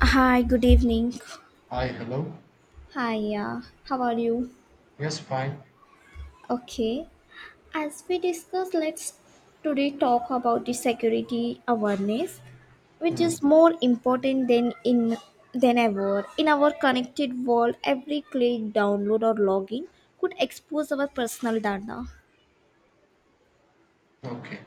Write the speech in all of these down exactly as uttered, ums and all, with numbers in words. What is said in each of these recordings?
Hi, good evening. Hi, hello. Hi, yeah. How are you? Yes, fine. Okay, as we discuss, let's today talk about the security awareness, which Hmm. is more important than in than ever. In our connected world, every click, download, or login could expose our personal data. Okay.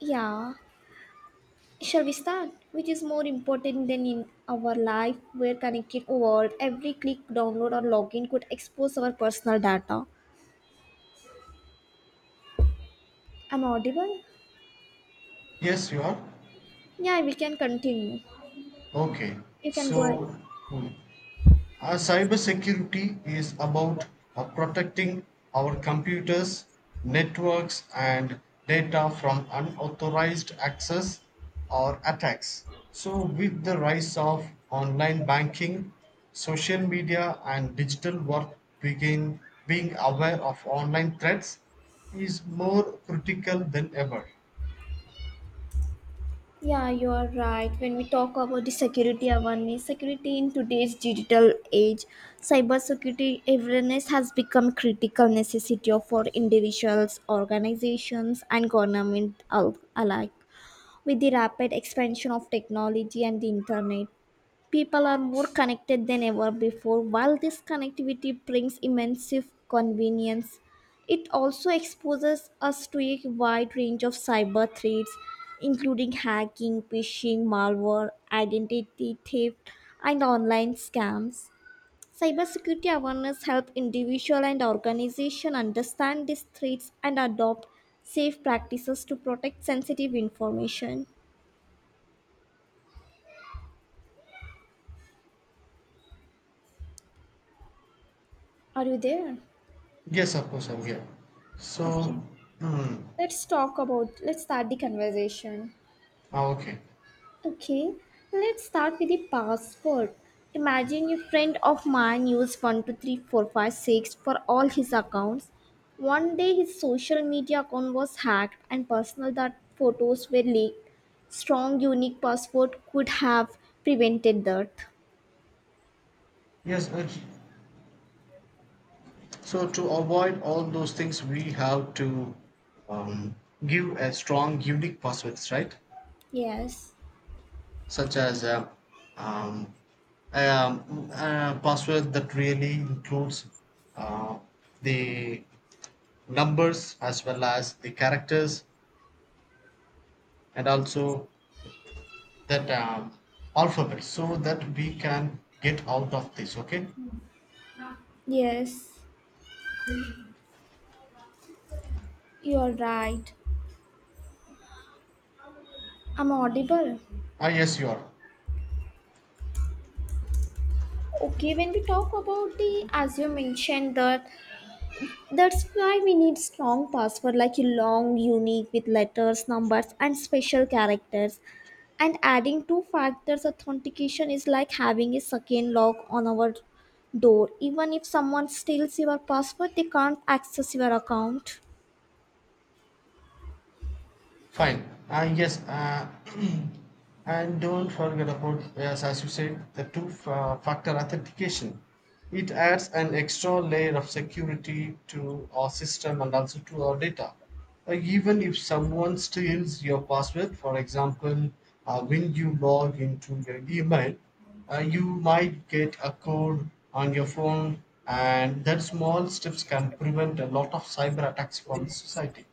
Yeah, shall we start? Which is more important than in our life, where connected world, every click, download, or login could expose our personal data. I'm audible. Yes, you are. Yeah, we can continue. Okay. You can go ahead. So, hmm. Uh, cybersecurity is about uh, protecting our computers, networks, and data from unauthorized access or attacks. So, with the rise of online banking, social media, and digital work, begin being aware of online threats is more critical than ever. Yeah, you are right. When we talk about the security awareness, security in today's digital age, cybersecurity awareness has become critical necessity for individuals, organizations, and government al- alike. With the rapid expansion of technology and the internet, people are more connected than ever before. While this connectivity brings immense convenience, it also exposes us to a wide range of cyber threats, including hacking, phishing, malware, identity theft, and online scams. Cybersecurity awareness helps individual and organization understand these threats and adopt safe practices to protect sensitive information. Are you there? Yes, of course, I'm here. So, Okay. hmm. Let's talk about, let's start the conversation. Ah, okay. Okay, let's start with the password. Imagine a friend of mine used one two three four five six for all his accounts. One day his social media account was hacked and personal that photos were leaked. Strong unique password could have prevented that. Yes, uh, so to avoid all those things, we have to um, give a strong, unique passwords, right? Yes, Such as uh, um, um, a password that really includes uh, the numbers as well as the characters and also that um, alphabet so that we can get out of this. Okay. yes, you're right. I'm audible. Ah, yes, you are. Okay, when we talk about the, as you mentioned, that That's why we need strong password like a long, unique with letters, numbers, and special characters. And adding two factors authentication is like having a second lock on our door. Even if someone steals your password, they can't access your account. Fine. Uh, yes. Uh, and don't forget about, yes, as you said, the two fa- factor authentication. It adds an extra layer of security to our system and also to our data. Uh, even if someone steals your password, for example, uh, when you log into your email, uh, you might get a code on your phone, and that small steps can prevent a lot of cyber attacks from society.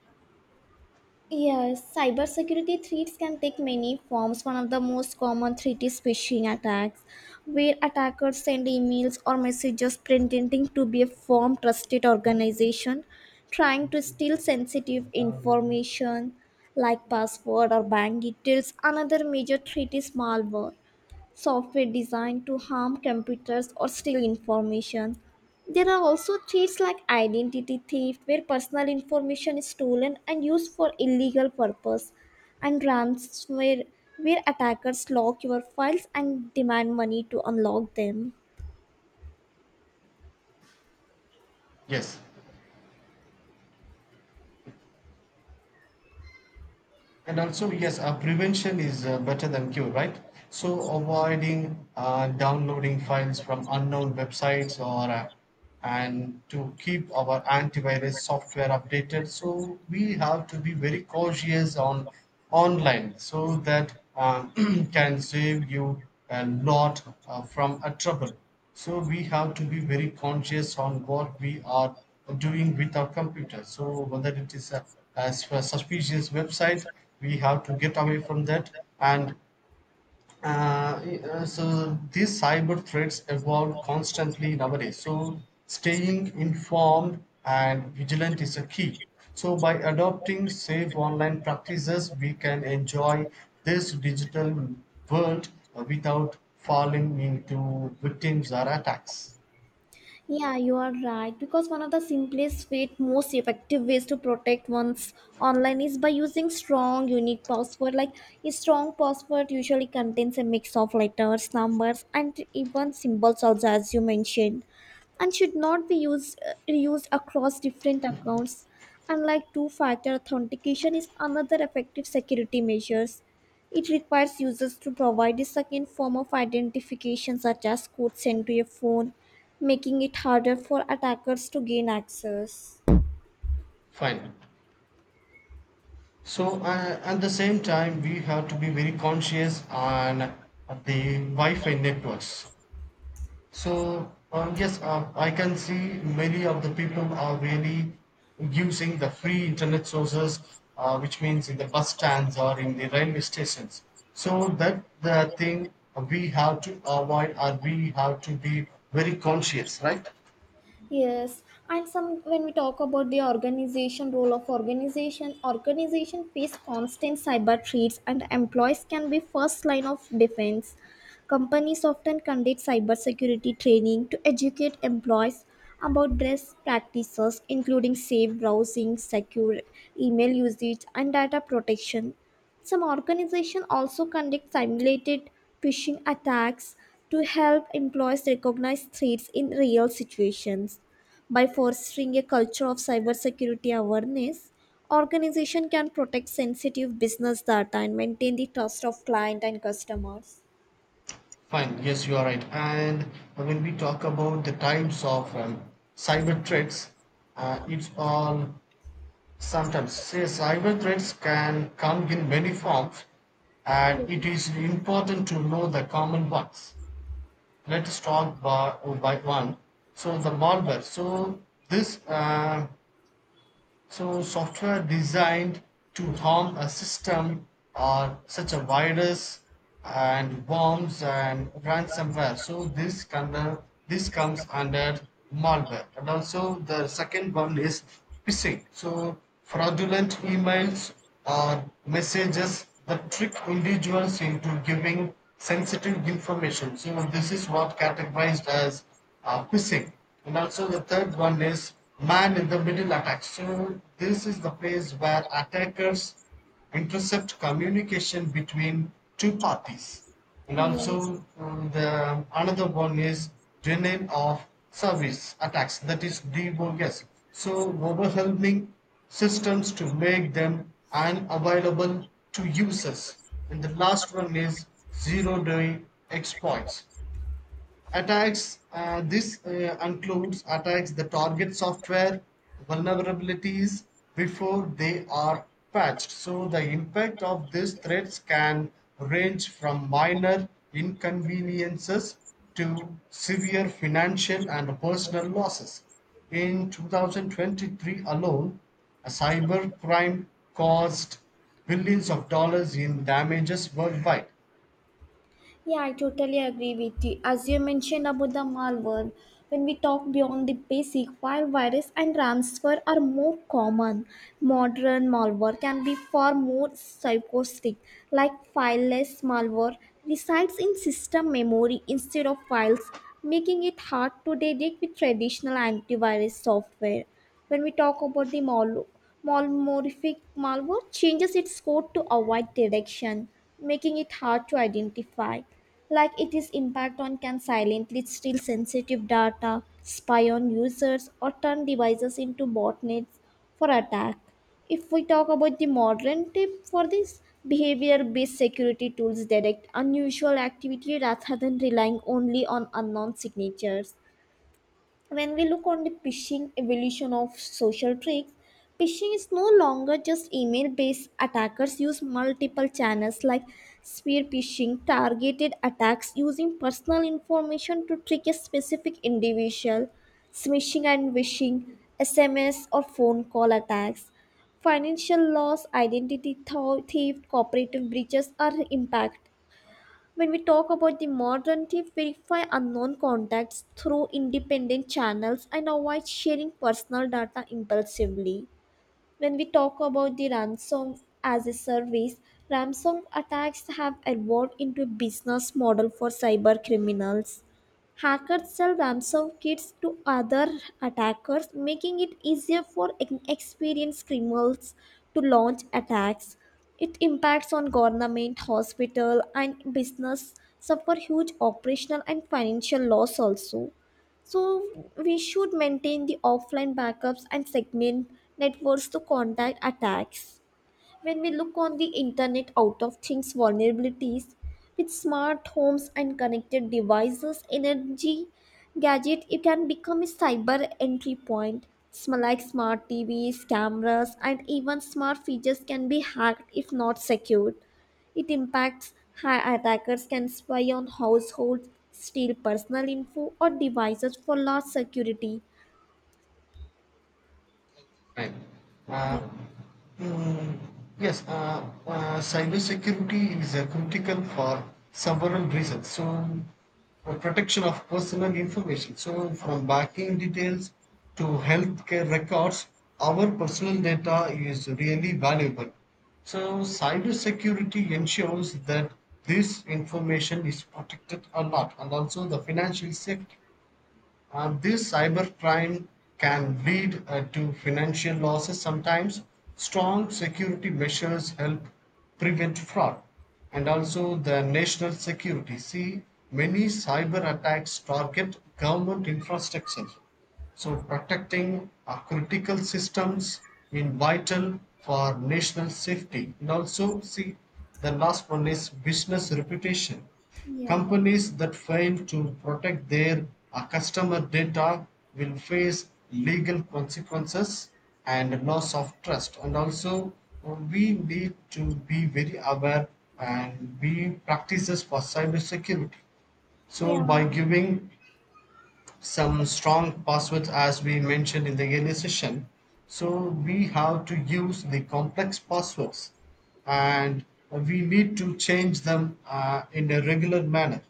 Yes, cybersecurity threats can take many forms. One of the most common threat is phishing attacks, where attackers send emails or messages pretending to be a firm trusted organization trying to steal sensitive information like password or bank details. Another major threat is malware, software designed to harm computers or steal information. There are also threats like identity theft, where personal information is stolen and used for illegal purpose, and ransomware, where attackers lock your files and demand money to unlock them. Yes. And also, yes, uh, prevention is uh, better than cure, right? So, avoiding uh, downloading files from unknown websites or uh, and to keep our antivirus software updated. So, we have to be very cautious on online so that uh, can save you a lot uh, from a trouble. So, we have to be very conscious on what we are doing with our computer. So, whether it is a, a suspicious website, we have to get away from that, and uh, uh, so these cyber threats evolve constantly nowadays, so staying informed and vigilant is a key. So by adopting safe online practices, we can enjoy this digital world uh, without falling into victims or attacks. Yeah, you are right. Because one of the simplest, yet most effective ways to protect one's online is by using strong, unique password. Like a strong password usually contains a mix of letters, numbers, and even symbols, also as you mentioned, and should not be used uh, reused across different accounts. Unlike two-factor authentication is another effective security measures. It requires users to provide a second form of identification, such as code sent to a phone making it harder for attackers to gain access. Fine. So uh, at the same time we have to be very conscious on the Wi-Fi networks. So um, yes, uh, I can see many of the people are really using the free internet sources, uh, which means in the bus stands or in the railway stations. So that the thing we have to avoid, or we have to be very conscious, right? Yes, and some when we talk about the organization role of organization, organization face constant cyber threats and employees can be first line of defense. Companies often conduct cybersecurity training to educate employees about best practices including safe browsing, secure email usage and data protection. Some organizations also conduct simulated phishing attacks to help employees recognize threats in real situations. By fostering a culture of cybersecurity awareness, organizations can protect sensitive business data and maintain the trust of client and customers. Fine. Yes, you are right. And when we talk about the types of um, cyber threats, uh, it's all sometimes, yes, cyber threats can come in many forms, and it is important to know the common ones. Let's talk by, by one. So, the malware. So, this uh, so software designed to harm a system or such a virus and worms and ransomware. So this under this comes under malware. And also the second one is phishing. So fraudulent emails or messages that trick individuals into giving sensitive information. So this is what categorized as uh, phishing. And also the third one is man in the middle attack. So this is the place where attackers intercept communication between two parties. And Yes. also um, the another one is denial of service attacks. That is D O S. So overwhelming systems to make them unavailable to users. And the last one is zero day exploits attacks. Uh, this uh, includes attacks the target software vulnerabilities before they are patched. So the impact of these threats can range from minor inconveniences to severe financial and personal losses. In two thousand twenty-three alone, a cyber crime caused billions of dollars in damages worldwide. Yeah, I totally agree with you. As you mentioned about the malware, when we talk beyond the basic, while virus and ransomware are more common, modern malware can be far more psychotic. Like fileless malware resides in system memory instead of files, making it hard to detect with traditional antivirus software. When we talk about the mal, malmorphic malware, changes its code to avoid detection, making it hard to identify. Like it is impact on can silently steal sensitive data, spy on users, or turn devices into botnets for attack. If we talk about the modern tip for this, behavior based security tools detect unusual activity rather than relying only on unknown signatures when we look on the phishing evolution of social tricks phishing is no longer just email based attackers use multiple channels like spear phishing targeted attacks using personal information to trick a specific individual smishing and wishing sms or phone call attacks financial loss identity thou- theft cooperative breaches are impacted when we talk about the modernity, verify unknown contacts through independent channels and avoid sharing personal data impulsively. When we talk about the ransom as a service, ransom attacks have evolved into a business model for cyber criminals. Hackers sell ransom kits to other attackers, making it easier for inexperienced criminals to launch attacks. It impacts on government, hospital, and business suffer huge operational and financial loss also. So we should maintain the offline backups and segment networks to contact attacks. When we look on the internet out of things vulnerabilities with smart homes and connected devices, energy gadget, it can become a cyber entry point. Sm- Like smart T Vs, cameras, and even smart features can be hacked if not secured. It impacts how attackers can spy on households, steal personal info, or devices for large security. Right. Uh, Yeah. Mm, yes, uh, uh, cybersecurity is uh, critical for several reasons. So, uh, protection of personal information. So, from banking details to healthcare records, our personal data is really valuable. So, cybersecurity ensures that this information is protected a lot, and also the financial safety. Uh, this cybercrime can lead uh, to financial losses sometimes. Strong security measures help prevent fraud. And also the national security. See, many cyber attacks target government infrastructure. So protecting our critical systems is vital for national safety. And also, see, the last one is business reputation. Yeah, Companies that fail to protect their uh, customer data will face legal consequences and loss of trust. And also, we need to be very aware and be practices for cybersecurity. So, by yeah. giving some strong passwords as we mentioned in the earlier session. So we have to use the complex passwords and we need to change them uh, in a regular manner.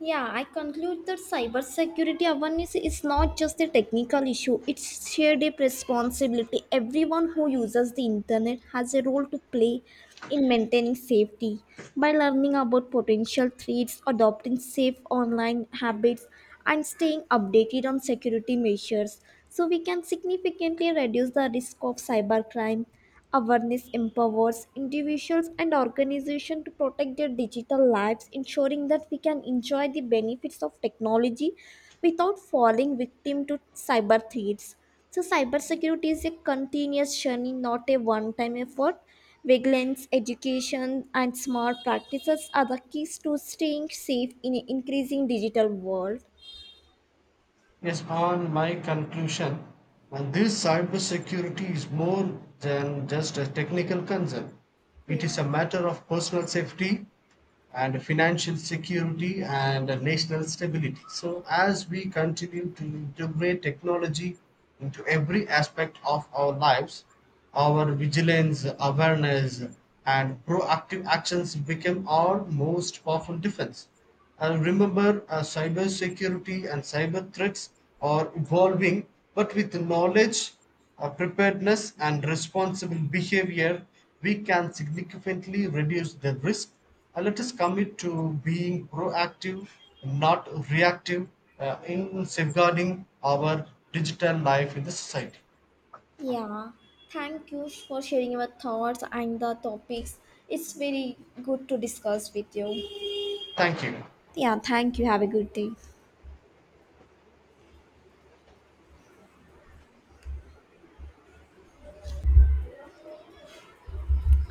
Yeah, I conclude that cybersecurity awareness is not just a technical issue, it's shared a responsibility. Everyone who uses the internet has a role to play in maintaining safety. By learning about potential threats, adopting safe online habits, and staying updated on security measures, so we can significantly reduce the risk of cybercrime. Awareness empowers individuals and organizations to protect their digital lives, ensuring that we can enjoy the benefits of technology without falling victim to cyber threats. So, cybersecurity is a continuous journey, not a one time effort. Vigilance, education, and smart practices are the keys to staying safe in an increasing digital world. Yes, on my conclusion, uh, this cybersecurity is more than just a technical concern. It is a Yes. matter of personal safety and financial security and national stability. So, as we continue to integrate technology into every aspect of our lives, our vigilance, awareness, and proactive actions become our most powerful defense. And remember, uh, cyber security and cyber threats are evolving, but with knowledge, uh, preparedness, and responsible behavior, we can significantly reduce the risk. Uh, let us commit to being proactive, not reactive, uh, in safeguarding our digital life in the society. Yeah, thank you for sharing your thoughts and the topics. It's very good to discuss with you. Thank you. Yeah, thank you. Have a good day.